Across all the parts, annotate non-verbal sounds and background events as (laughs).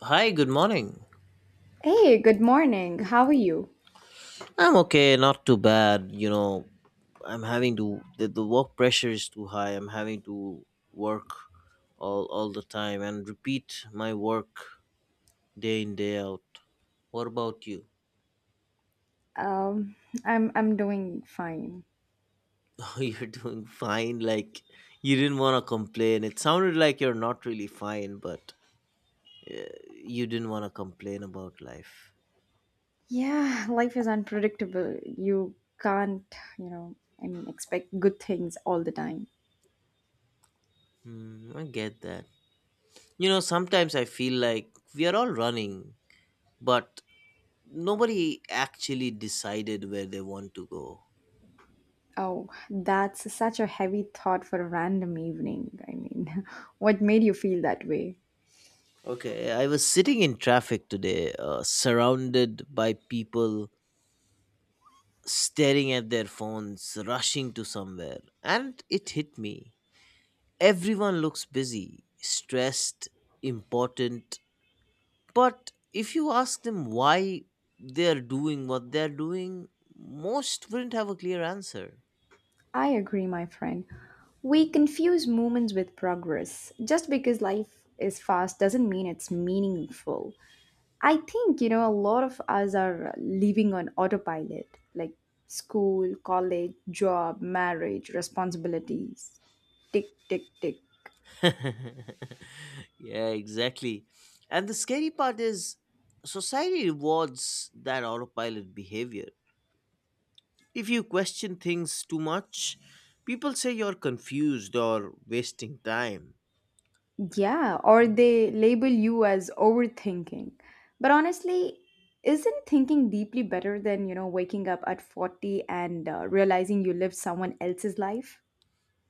Hi, good morning. Hey, good morning. How are you? I'm okay, not too bad. I'm having to the work pressure is too high. I'm having to work all the time and repeat my work day in day out. What about you? (laughs) Um, I'm doing fine. Oh, you're doing fine. Like you didn't want to complain. It sounded like you're not really fine, but uh, you didn't want to complain about life. Yeah, life is unpredictable. You can't, you know, I mean, expect good things all the time. Hmm, I get that. You know, sometimes I feel like we are all running, but nobody actually decided where they want to go. Oh, that's such a heavy thought for a random evening. I mean, (laughs) what made you feel that way? Okay, I was sitting in traffic today, surrounded by people staring at their phones, rushing to somewhere, and it hit me. Everyone looks busy, stressed, important, but if you ask them why they're doing what they're doing, most wouldn't have a clear answer. I agree, my friend. We confuse moments with progress. Just because life is fast doesn't mean it's meaningful. I think, a lot of us are living on autopilot, like school, college, job, marriage, responsibilities. Tick, tick, tick. (laughs) Yeah, exactly. And the scary part is society rewards that autopilot behavior. If you question things too much, people say you're confused or wasting time. Yeah, or they label you as overthinking. But honestly, isn't thinking deeply better than, waking up at 40 and realizing you lived someone else's life?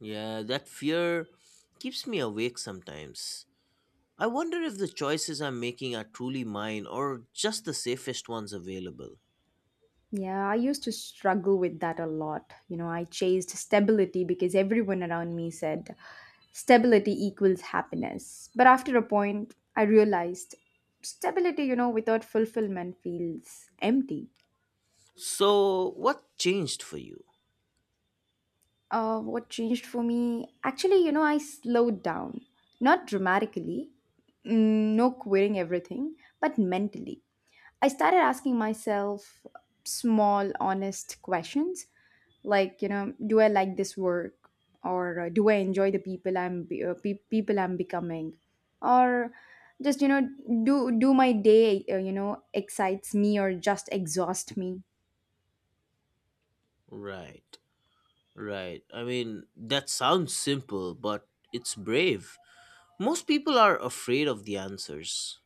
Yeah, that fear keeps me awake sometimes. I wonder if the choices I'm making are truly mine or just the safest ones available. Yeah, I used to struggle with that a lot. I chased stability because everyone around me said stability equals happiness. But after a point, I realized stability, without fulfillment feels empty. So, what changed for you? What changed for me? Actually, I slowed down. Not dramatically, no quitting everything, but mentally. I started asking myself small, honest questions like, do I like this work, or do I enjoy the people people I'm becoming, or just do my day excites me or just exhaust me? Right, right. I mean, that sounds simple, but it's brave. Most people are afraid of the answers.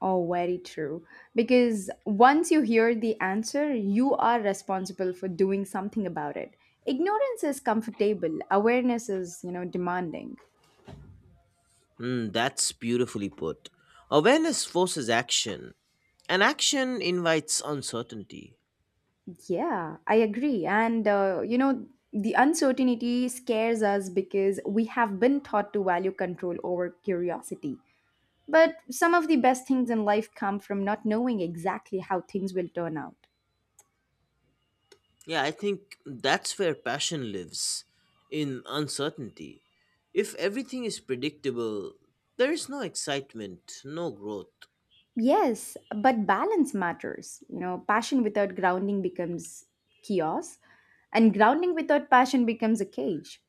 Oh, very true, because once you hear the answer you are responsible for doing something about it. Ignorance is comfortable, awareness is, demanding. Hmm, that's beautifully put. Awareness forces action, and action invites uncertainty. Yeah, I agree. And, the uncertainty scares us because we have been taught to value control over curiosity. But some of the best things in life come from not knowing exactly how things will turn out. Yeah, I think that's where passion lives in uncertainty. If everything is predictable, there is no excitement, no growth. Yes, but balance matters. Passion without grounding becomes chaos, and grounding without passion becomes a cage.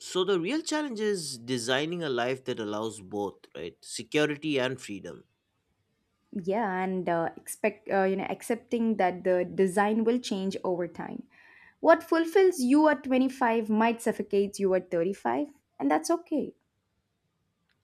So, the real challenge is designing a life that allows both, right? Security and freedom. Yeah, and expect accepting that the design will change over time. What fulfills you at 25 might suffocate you at 35, and that's okay.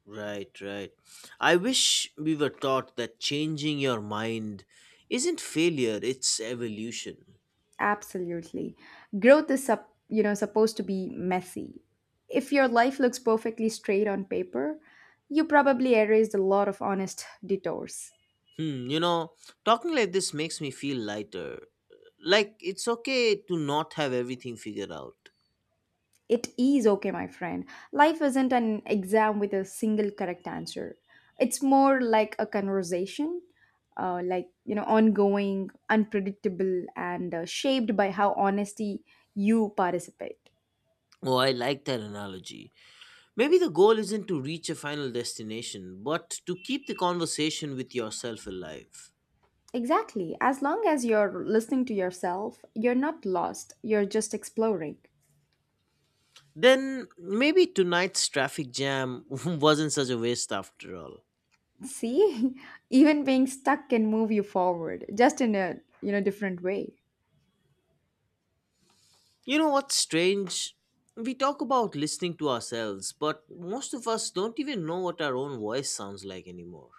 Right, right. I wish we were taught that changing your mind isn't failure, it's evolution. Absolutely. Growth is supposed to be messy. If your life looks perfectly straight on paper, you probably erased a lot of honest detours. Hmm, you know, talking like this makes me feel lighter. Like, it's okay to not have everything figured out. It is okay, my friend. Life isn't an exam with a single correct answer. It's more like a conversation, like, ongoing, unpredictable, and shaped by how honesty you participate. Oh, I like that analogy. Maybe the goal isn't to reach a final destination, but to keep the conversation with yourself alive. Exactly. As long as you're listening to yourself, you're not lost, you're just exploring. Then maybe tonight's traffic jam (laughs) wasn't such a waste after all. See, (laughs) even being stuck can move you forward, just in a, different way. You know what's strange? We talk about listening to ourselves, but most of us don't even know what our own voice sounds like anymore.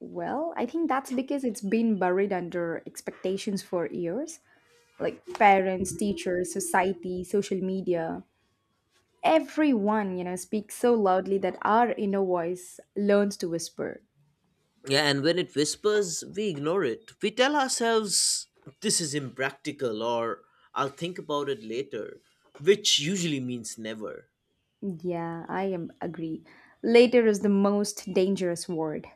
Well, I think that's because it's been buried under expectations for years. Like parents, teachers, society, social media. Everyone, speaks so loudly that our inner voice learns to whisper. Yeah, and when it whispers, we ignore it. We tell ourselves, this is impractical, or I'll think about it later, which usually means never. Yeah, I am agree. Later is the most dangerous word.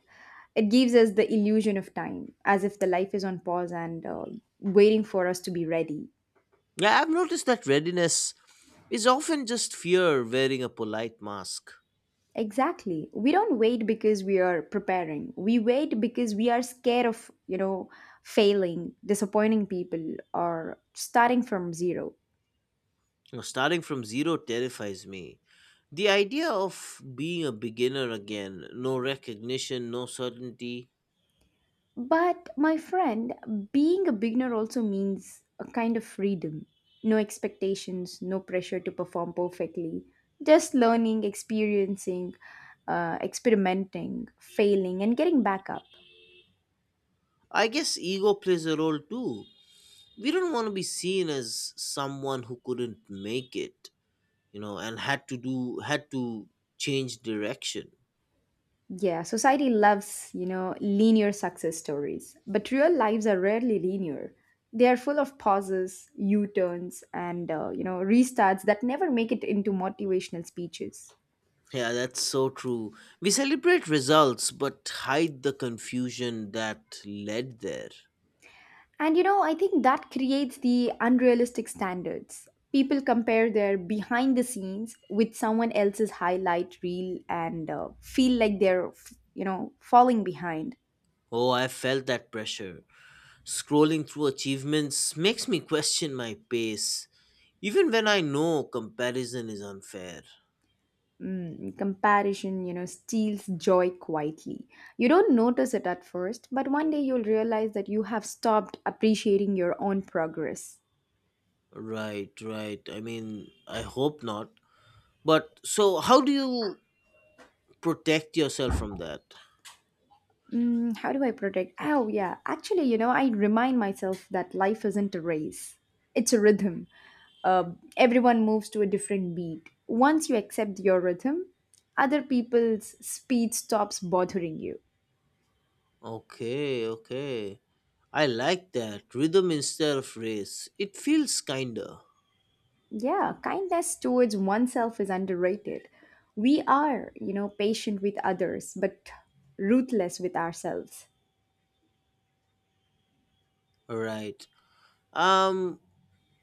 It gives us the illusion of time, as if the life is on pause and waiting for us to be ready. Yeah, I've noticed that readiness is often just fear wearing a polite mask. Exactly. We don't wait because we are preparing. We wait because we are scared of, failing, disappointing people, or starting from zero. Now, starting from zero terrifies me. The idea of being a beginner again, no recognition, no certainty. But my friend, being a beginner also means a kind of freedom. No expectations, no pressure to perform perfectly. Just learning, experiencing, experimenting, failing, and getting back up. I guess ego plays a role too. We don't want to be seen as someone who couldn't make it, you know, and had to change direction. Yeah, society loves, linear success stories, but real lives are rarely linear. They are full of pauses, U-turns, and restarts that never make it into motivational speeches. Yeah, that's so true. We celebrate results but hide the confusion that led there. And I think that creates the unrealistic standards. People compare their behind the scenes with someone else's highlight reel and feel like they're, falling behind. Oh, I felt that pressure. Scrolling through achievements makes me question my pace, even when I know comparison is unfair. Comparison, steals joy quietly. You don't notice it at first, but one day you'll realize that you have stopped appreciating your own progress. Right, right. I mean, I hope not. But so, how do you protect yourself from that? How do I protect? Oh, yeah. Actually, I remind myself that life isn't a race, it's a rhythm. Uh, Everyone moves to a different beat. Once you accept your rhythm, other people's speed stops bothering you. Okay, okay. I like that. Rhythm instead of race. It feels kinder. Yeah, kindness towards oneself is underrated. We are, patient with others, but ruthless with ourselves. Right. Um,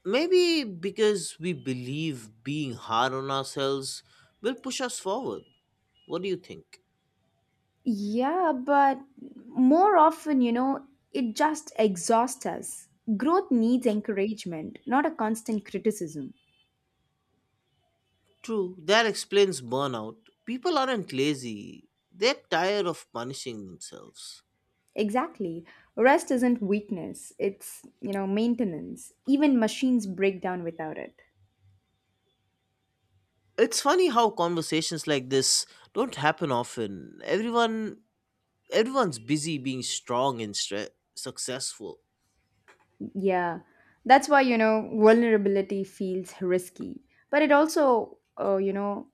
Maybe because we believe being hard on ourselves will push us forward. What do you think? Yeah, but more often, it just exhausts us. Growth needs encouragement, not a constant criticism. True, that explains burnout. People aren't lazy, they're tired of punishing themselves. Exactly. Rest isn't weakness, it's, maintenance. Even machines break down without it. It's funny how conversations like this don't happen often. Everyone's busy being strong and successful. Yeah, that's why, vulnerability feels risky. But it also,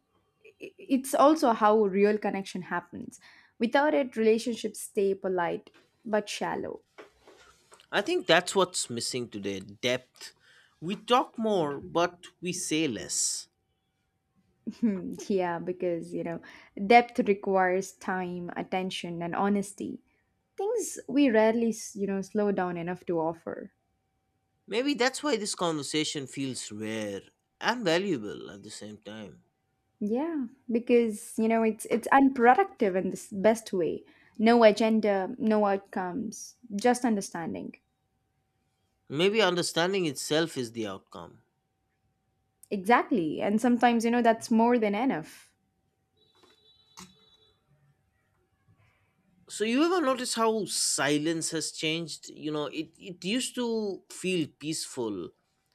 it's also how real connection happens. Without it, relationships stay polite but shallow. I think that's what's missing today, depth. We talk more, but we say less. (laughs) Yeah, because, depth requires time, attention, and honesty. Things we rarely, slow down enough to offer. Maybe that's why this conversation feels rare and valuable at the same time. Yeah, because, it's unproductive in this best way. No agenda, no outcomes, just understanding. Maybe understanding itself is the outcome. Exactly. And sometimes, that's more than enough. So you ever notice how silence has changed? You know, it used to feel peaceful.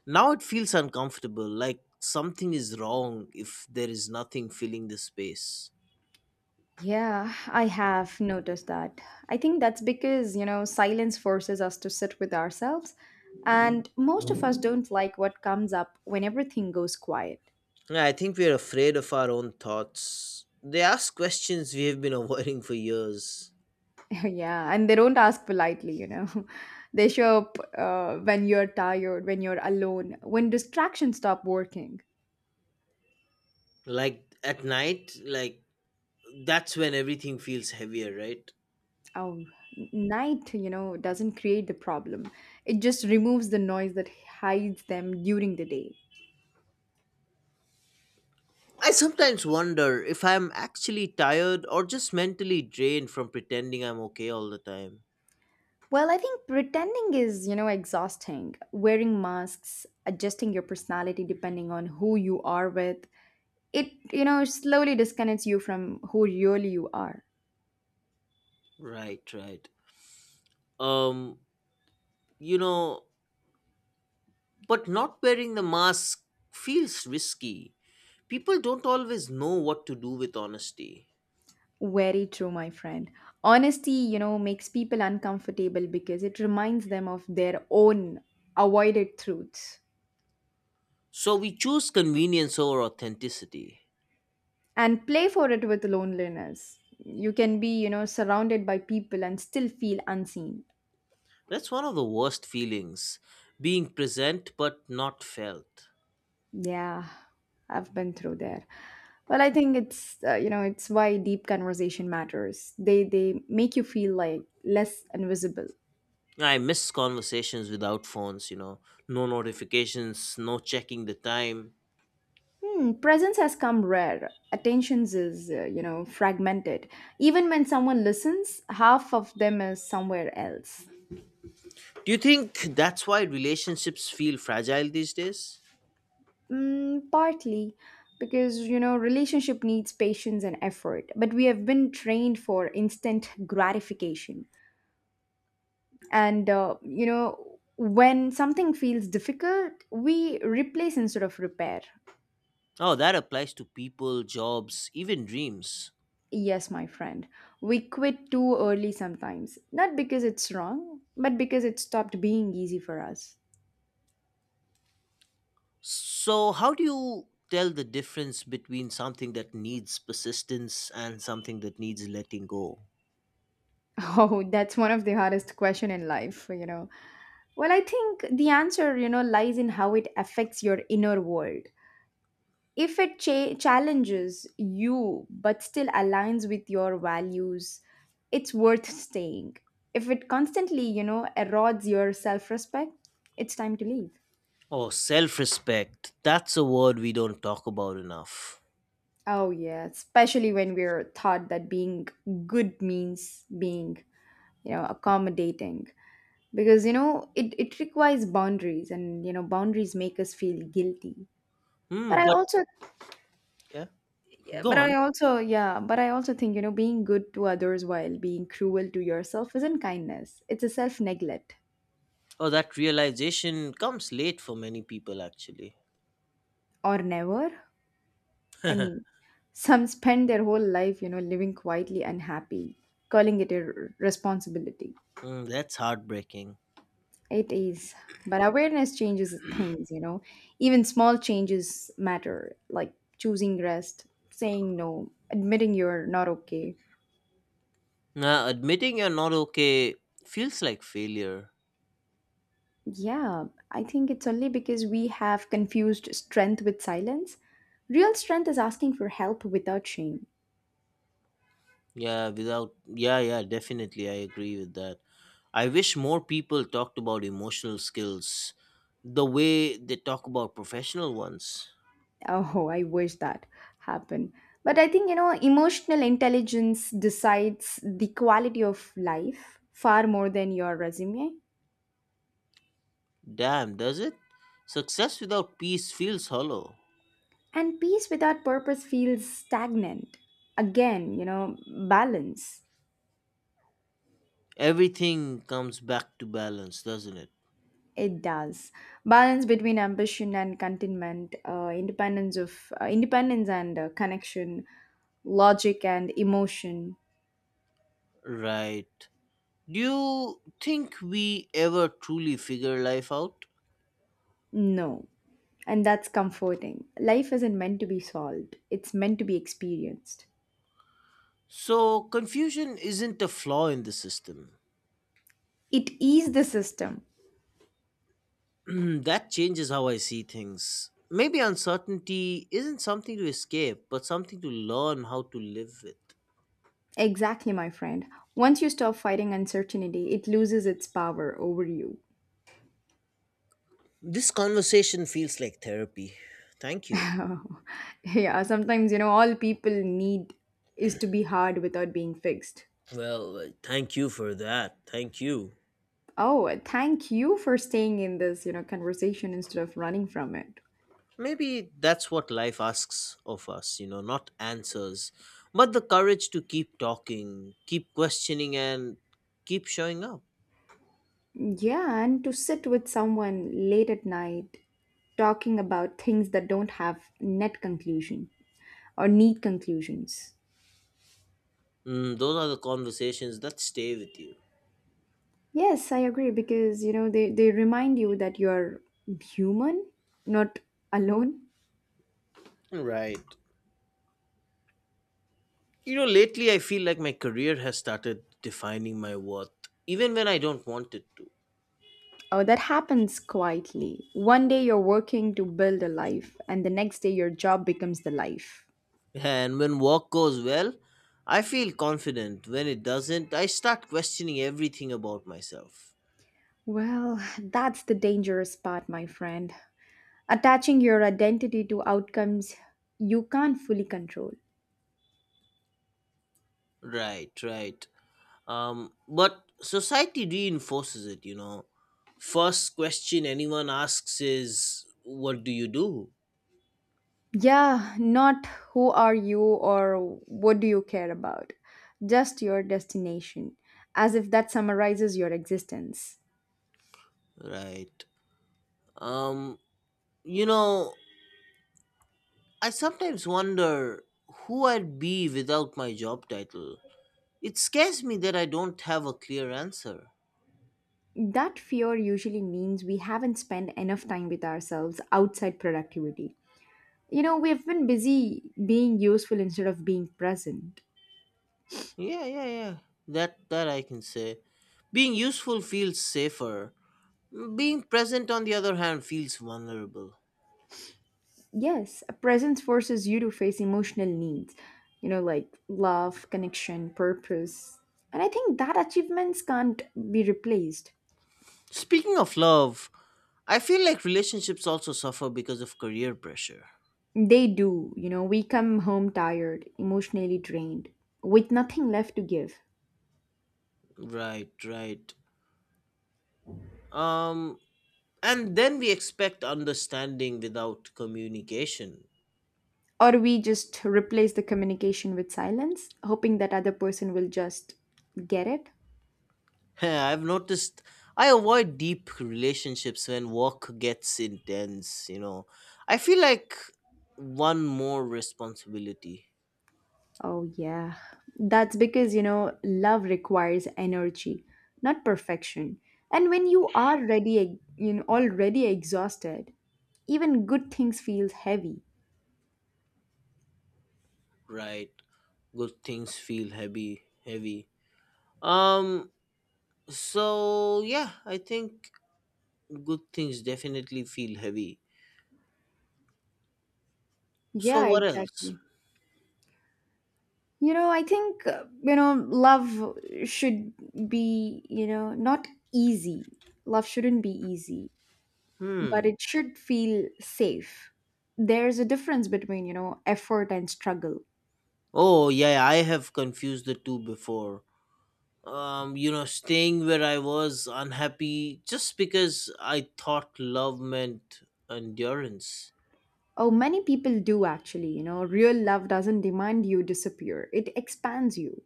Now it feels uncomfortable, like something is wrong if there is nothing filling the space. Yeah, I have noticed that. I think that's because, silence forces us to sit with ourselves. And most of us don't like what comes up when everything goes quiet. Yeah, I think we're afraid of our own thoughts. They ask questions we have been (laughs) avoiding for years. (laughs) Yeah, and they don't ask politely. (laughs) They show up when you're tired, when you're alone, when distractions stop working. Like at night, like that's when everything feels heavier, right? Oh, night, doesn't create the problem, it just removes the noise that hides them during the day. I sometimes wonder if I'm actually tired or just mentally drained from pretending I'm okay all the time. Well, I think pretending is, exhausting. Wearing masks, adjusting your personality depending on who you are with, it, slowly disconnects you from who really you are. Right, right. Um, you know, but not wearing the mask feels risky. People don't always know what to do with honesty. Very true, my friend. Honesty, makes people uncomfortable because it reminds them of their own avoided truths. So we choose convenience over authenticity. And play for it with loneliness. You can be, surrounded by people and still feel unseen. That's one of the worst feelings, being present but not felt. Yeah, I've been through there. Well, I think it's you know it's why deep conversation matters. They make you feel like less invisible. I miss conversations without phones, you know, no notifications, no checking the time. Hmm, presence has come rare. Attentions is fragmented. Even when someone listens, half of them is somewhere else. Do you think that's why relationships feel fragile these days? Partly because relationship needs patience and effort, but we have been trained for instant gratification. And when something feels difficult, we replace instead of repair. Oh, that applies to people, jobs, even dreams. Yes, my friend, we quit too early sometimes, not because it's wrong but because it stopped being easy for us. So, how do you tell the difference between something that needs persistence and something that needs letting go? (laughs) Oh, that's one of the hardest question in life. Well, I think the answer lies in how it affects your inner world. If it challenges you but still aligns with your values, it's worth staying. If it constantly erodes your self-respect, it's time to leave. Oh, self respect. That's a word we don't talk about enough. Oh, yeah, especially when we're taught that being good means being, accommodating. Because it requires boundaries, and boundaries make us feel guilty. But Hmm, I but also. yeah, Yeah, go on. But I also think, being good to others while being cruel to yourself isn't kindness. It's a self-neglect Oh, that realization comes late for many people, actually. or never. I (laughs) mean, (laughs) some spend their whole life, living quietly unhappy, calling it a responsibility. Mm, that's heartbreaking. It is. But awareness changes things. Even small changes matter, like choosing rest, saying no, admitting you're not okay. Now, admitting you're not okay feels like failure. Yeah, I think it's only because we have confused strength with silence. Real strength is asking for help without shame. (laughs) Yeah, without. Yeah, yeah, definitely. I agree with that. I wish more people talked about emotional skills the way they talk about professional ones. Oh, I wish that happened. But I think, emotional intelligence decides the quality of life far more than your resume. Damn, does it? Success without peace feels hollow. And peace without purpose feels stagnant. Again, balance. Everything comes back to balance, doesn't it? It does. Balance between ambition and contentment, independence and connection, logic and emotion. Right. Do you think we ever truly figure life out? No. And that's comforting. Life isn't meant to be solved. It's meant to be experienced. So, confusion isn't a flaw in the system. It is the system. (clears throat) That changes how I see things. Maybe uncertainty isn't something to escape, but something to learn how to live with. Exactly, my friend. Once you stop fighting uncertainty, it loses its power over you. This conversation feels like therapy. Thank you. (laughs) Yeah, sometimes, all people need is to be hard without being fixed. Well, thank you for that. Thank you. Oh, thank you for staying in this, conversation instead of running from it. Maybe that's what life asks of us, you know, not answers, but the courage to keep talking, keep questioning, and keep showing up. Yeah, and to sit with someone late at night talking about things that don't have net conclusion or need conclusions. Mm, those are the conversations that stay with you. Yes, I agree because, they remind you that you're human, not alone. Right. You know, lately I feel like my career has started defining my worth, even when I don't want it to. Oh, that happens quietly. One day you're working to build a life, and the next day your job becomes the life. And when work goes well, I feel confident. When it doesn't, I start questioning everything about myself. Well, (laughs) that's the dangerous part, my friend. Attaching your identity to outcomes you can't fully control. Right, right. But society reinforces it, you know. First question anyone asks is, what do you do? Yeah, not who are you or what do you care about, just your destination, as if that summarizes your existence. Right. Um, you know, I sometimes wonder who I'd be without my job title. It scares me that I don't have a clear answer. That fear usually means we haven't spent enough time with ourselves outside productivity. We've been busy being useful instead of being present. Yeah, yeah, yeah. That I can say. Being useful feels safer. Being present on the other hand feels vulnerable. Yes, a presence forces you to face emotional needs, like love, connection, purpose. And I think that achievements can't be replaced. Speaking of love, I feel like relationships also suffer because of career pressure. They do, we come home tired, emotionally drained, with nothing left to give. Right, right. Um, and then we expect understanding without communication. Or we just replace the communication with silence, hoping that other person will just get it. (laughs) I've noticed I avoid deep relationships when work gets intense, you know. I feel like one more responsibility. Oh, yeah. That's because, love requires energy, not perfection. And when you are ready, already exhausted, even good things feels heavy. Right. Good things feel heavy, heavy. Um. So yeah, I think good things definitely feel heavy. So Yeah, what else? exactly. I think, love should be, not easy. Love shouldn't be easy, but Hmm. it should feel safe. There's a difference between, effort and struggle. Oh yeah, yeah, I have confused the two before. You know, staying where I was unhappy just because I thought love meant endurance. Oh, many people do actually. You know, real love doesn't demand you disappear; it expands you.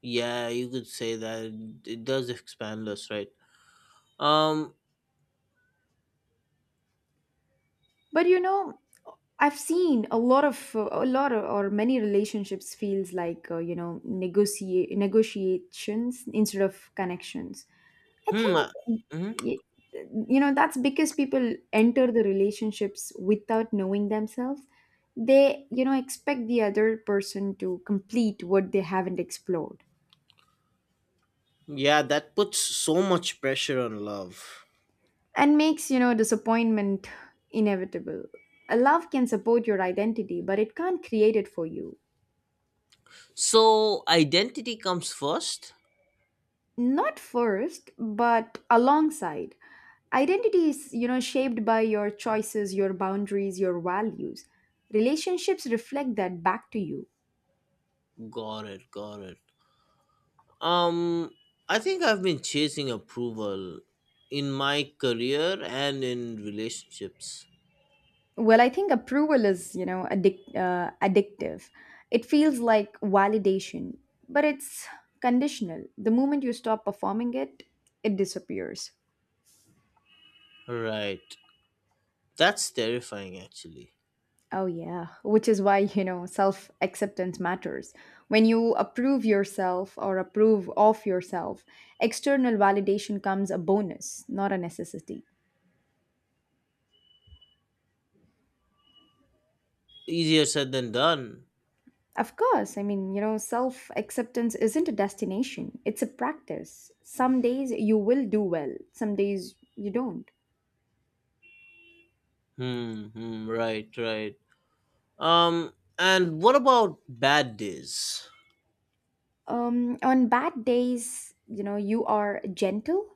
Yeah, you could say that it does expand us, right? Um, But I've seen a lot of, or many relationships feels like negotiate negotiations instead of connections. I hmm, think mhm. y- you know that's because people enter the relationships without knowing themselves. They expect the other person to complete what they haven't explored, Yeah, that puts so much pressure on love. and makes disappointment inevitable. A love can support your identity, but it can't create it for you. So identity comes first? Not first, but alongside. Identity is shaped by your choices, your boundaries, your values. Relationships reflect that back to you. Got it, got it. Um I think I've been chasing approval in my career and in relationships. Well, I think approval is addictive. It feels like validation, but it's conditional. The moment you stop performing it, it disappears. Right. That's terrifying actually. Oh, yeah. Which is why, self acceptance matters. When you approve yourself, or approve of yourself, external validation comes a bonus, not a necessity. Easier said than done. Of course, I mean, self acceptance isn't a destination, it's a practice. Some days you will do well, some days you don't. Hmm, hmm, right, right. Um and what about bad days? On bad days, you are gentle.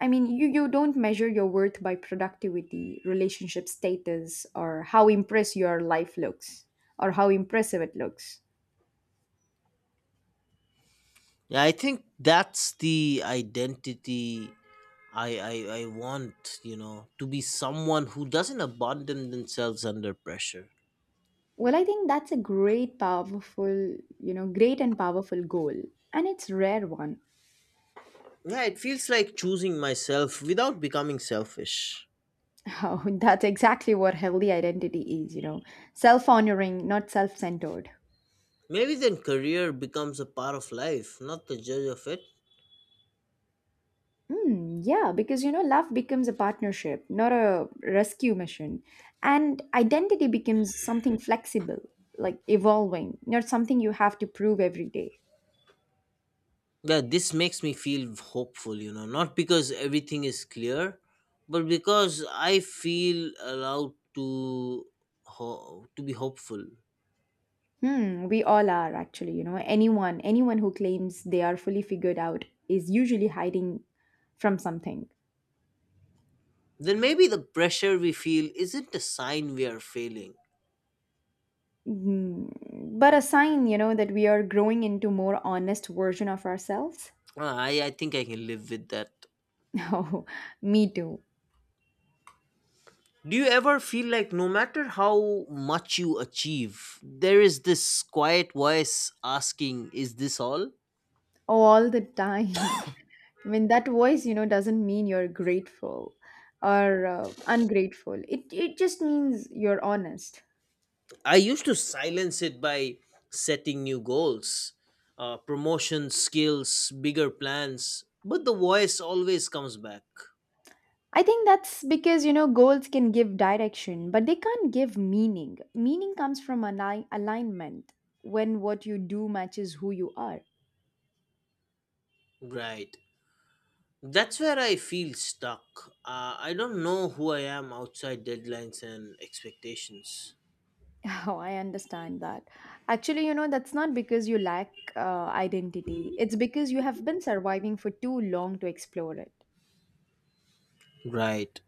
I mean, you don't measure your worth by productivity, relationship status, or how impressed your life looks, or how impressive it looks. Yeah, I think that's the identity I, I I want, you know, to be someone who doesn't abandon themselves under pressure. Well, I think that's a great and powerful goal. And it's rare one. Yeah, it feels like choosing myself without becoming selfish. (laughs) Oh, that's exactly what healthy identity is, self honoring, not self centered. Maybe then career becomes a part of life, not the judge of it. Hmm, yeah, because love becomes a partnership, not a rescue mission. And identity becomes something flexible, like evolving, not something you have to prove every day. Yeah, this makes me feel hopeful, you know, not because everything is clear, but because I feel allowed to to be hopeful. Hmm, we all are actually, anyone who claims they are fully figured out is usually hiding from something. Then maybe the pressure we feel isn't a sign we are failing. Mm, but a sign, that we are growing into more honest version of ourselves. Ah, I think I can live with that. (laughs) Oh, me too. Do you ever feel like no matter how much you achieve, there is this quiet voice asking, is this all? All the time. I mean, that voice, doesn't mean you're grateful or ungrateful. It just means you're honest. I used to silence it by setting new goals, promotion, skills, bigger plans, but the voice always comes back. I think that's because, goals can give direction, but they can't give meaning. Meaning comes from alignment, when what you do matches who you are. Right. That's where I feel stuck. I don't know who I am outside deadlines and expectations. (laughs) Oh, I understand that. Actually, that's not because you lack identity, it's because you have been surviving for too long to explore it. Right.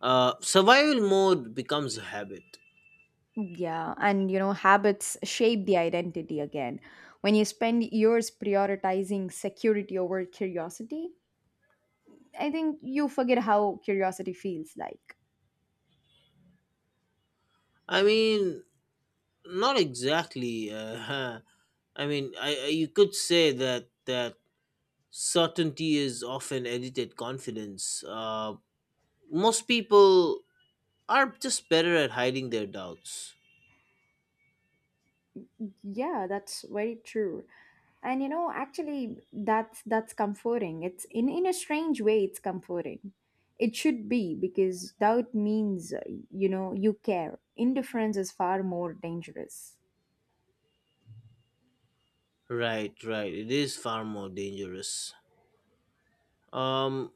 Survival mode becomes a habit. Yeah, and habits shape the identity again. When you spend years prioritizing security over curiosity, I think you forget how curiosity feels like. I mean, not exactly. (laughs) Huh. I mean, I you could say that certainty is often edited confidence. Most people are just better at hiding their doubts. Yeah, that's very true. And actually that's comforting. It's in a strange way it's comforting. It should be because doubt means you care. Indifference is far more dangerous. Right, right. It is far more dangerous. Um,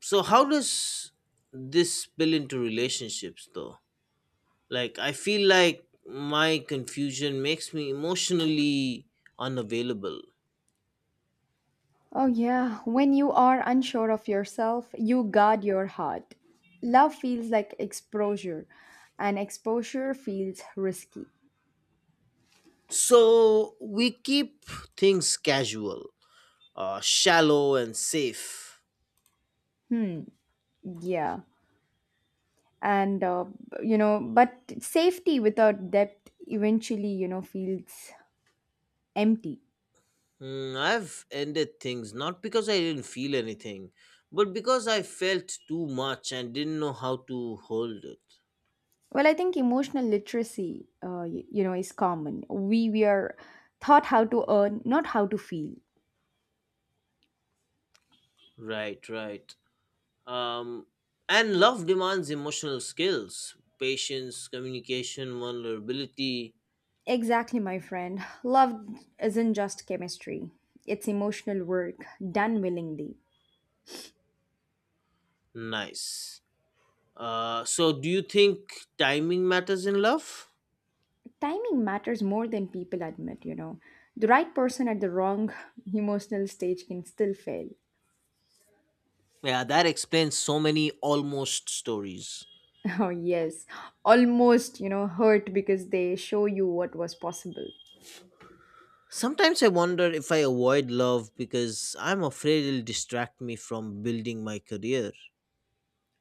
so how does this spill into relationships though? Like I feel like my confusion makes me emotionally unavailable. Oh, yeah. When you are unsure of yourself, you guard your heart. Love feels like exposure, and exposure feels risky. So we keep things casual, shallow and safe. Hmm, yeah. And, but safety without depth eventually, feels empty. Hmm, I've ended things not because I didn't feel anything, but because I felt too much and didn't know how to hold it. Well, I think emotional literacy, you know, is common. We are taught how to earn, not how to feel. Right, right. Um, and love demands emotional skills, patience, communication, vulnerability. Exactly, my friend. Love isn't just chemistry, it's emotional work done willingly. Nice. So, do you think timing matters in love? Timing matters more than people admit, you know. The right person at the wrong emotional stage can still fail. Yeah, that explains so many almost stories. (laughs) Oh, yes, almost, hurt because they show you what was possible. Sometimes I wonder if I avoid love because I'm afraid it'll distract me from building my career.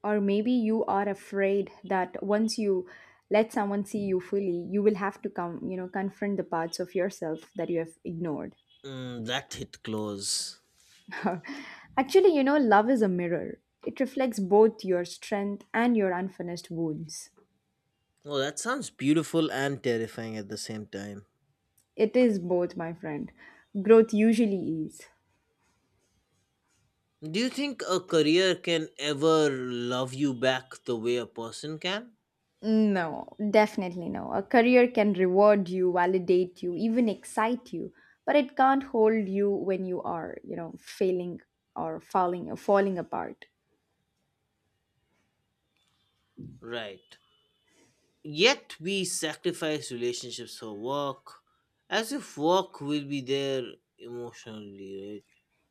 Or maybe you are afraid that once you let someone see you fully, you will have to come, confront the parts of yourself that you have ignored. Mm, that hit close. (laughs) Actually, love is a mirror. It reflects both your strength and your unfinished wounds. Oh, that sounds beautiful and terrifying at the same time. It is both, my friend. Growth usually is. Do you think a career can ever love you back the way a person can? No, definitely no. A career can reward you, validate you, even excite you, but it can't hold you when you are, failing or falling apart. Right. Yet we sacrifice relationships for work, as if work will be there emotionally,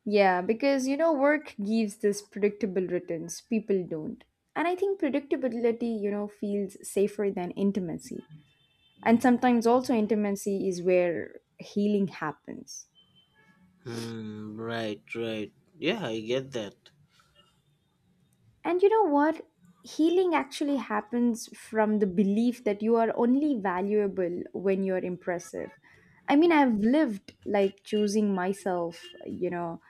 Yeah, because work gives this predictable returns. People don't. And I think predictability, feels safer than intimacy. And sometimes also intimacy is where healing happens. right? Hmm, right, right. Yeah, I get that. And you know what? Healing actually happens from the belief that you are only valuable when you're impressive. I mean, I've lived like choosing myself,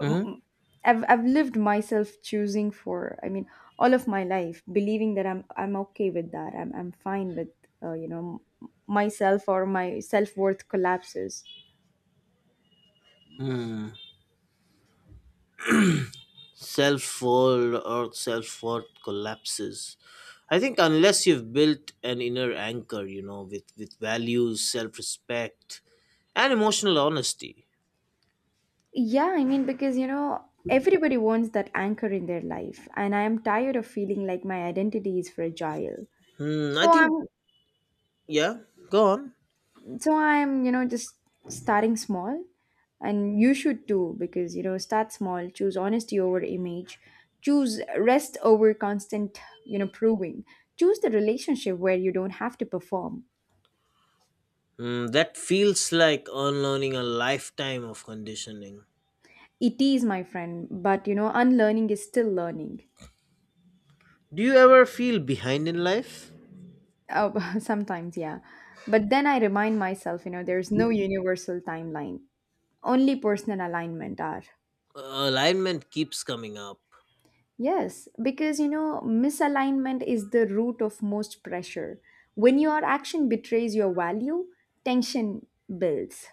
Mm-hmm. M- I've lived myself choosing for I mean all of my life believing that I'm okay with that I'm fine with myself or my self worth collapses. Hmm. Self world or self worth collapses. I think unless you've built an inner anchor, you know, with, values, self respect, and emotional honesty. Yeah, I mean, because everybody wants that anchor in their life, and I am tired of feeling like my identity is fragile. Hmm, I So think, I'm, yeah, go on. so I'm, just starting small, and you should too, because start small, choose honesty over image, choose rest over constant, proving, choose the relationship where you don't have to perform. Hmm, that feels like unlearning a lifetime of conditioning. It is, my friend, but unlearning is still learning. Do you ever feel behind in life? Oh, (laughs) sometimes, yeah. But then I remind myself, there's no universal timeline. Only personal alignment are. Uh, alignment keeps coming up. Yes, because, misalignment is the root of most pressure. When your action betrays your value, tension builds.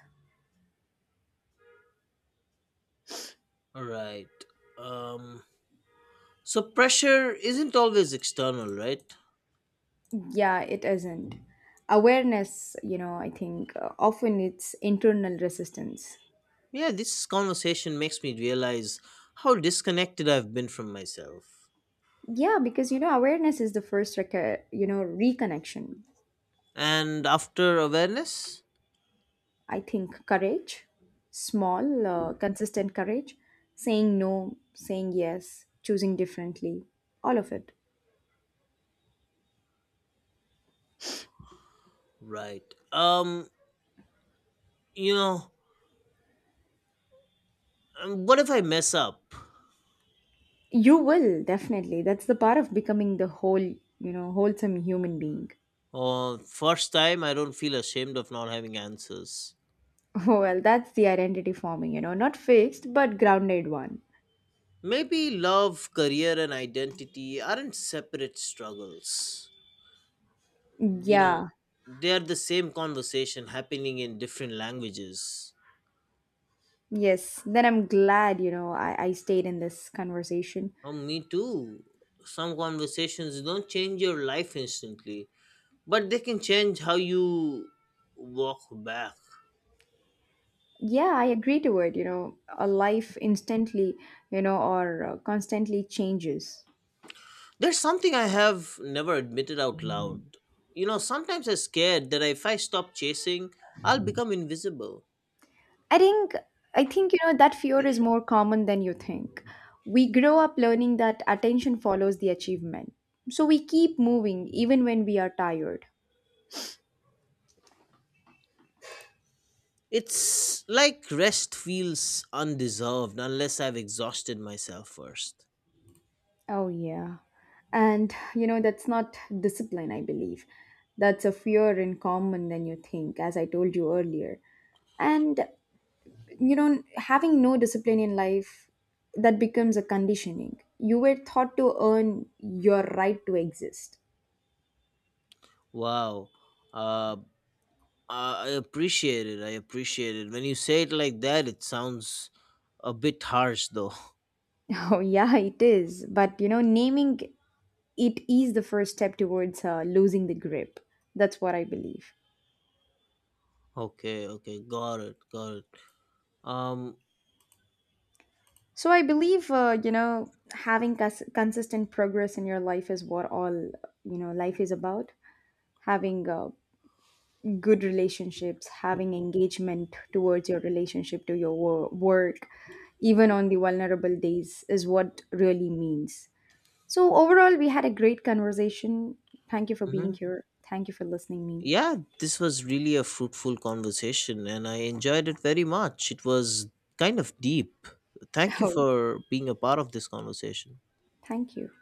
Alright. Um, so, pressure isn't always external, right? Yeah, it isn't. Awareness, I think often it's internal resistance. Yeah, this conversation makes me realize how disconnected I've been from myself. Yeah, because, awareness is the first, you know, reconnection. And after awareness? I think courage, small, consistent courage, saying no, saying yes, choosing differently, all of it. Right. Um, you know, what if I mess up? You will definitely. That's the part of becoming the whole, wholesome human being. First time, I don't feel ashamed of not having answers. (laughs) Well, that's the identity forming, not fixed, but grounded one. Maybe love, career, and identity aren't separate struggles. You know, Yeah, they are the same conversation happening in different languages. yes. Then I'm glad, I stayed in this conversation. Oh, me too. Some conversations don't change your life instantly, but they can change how you walk back. Yeah, I agree to it, a life instantly, or constantly changes. There's something I have never admitted out loud. You know, sometimes I'm scared that if I stop chasing, I'll become invisible. I think I think you know that fear is more common than you think. We grow up learning that attention follows the achievement. So we keep moving even when we are tired. It's like rest feels undeserved unless I've exhausted myself first. Oh yeah. And you know that's not discipline, I believe. That's a fear in common than you think, as I told you earlier. And having no discipline in life that becomes a conditioning. You were taught to earn your right to exist. Wow. Uh, I appreciate it. I appreciate it. When you say it like that, it sounds a bit harsh though. (laughs) (laughs) Oh, yeah, it is. But naming it is the first step towards losing the grip. That's what I believe. Okay, okay. Got it. Got it. Um, So I believe, having consistent progress in your life is what all, life is about. Having good relationships, having engagement towards your relationship to your work, even on the vulnerable days, is what really means. So overall, we had a great conversation. Thank you for being mhm. here. Thank you for listening me. Yeah, this was really a fruitful conversation and I enjoyed it very much. It was kind of deep. Thank (laughs) you Oh, for being a part of this conversation. thank you.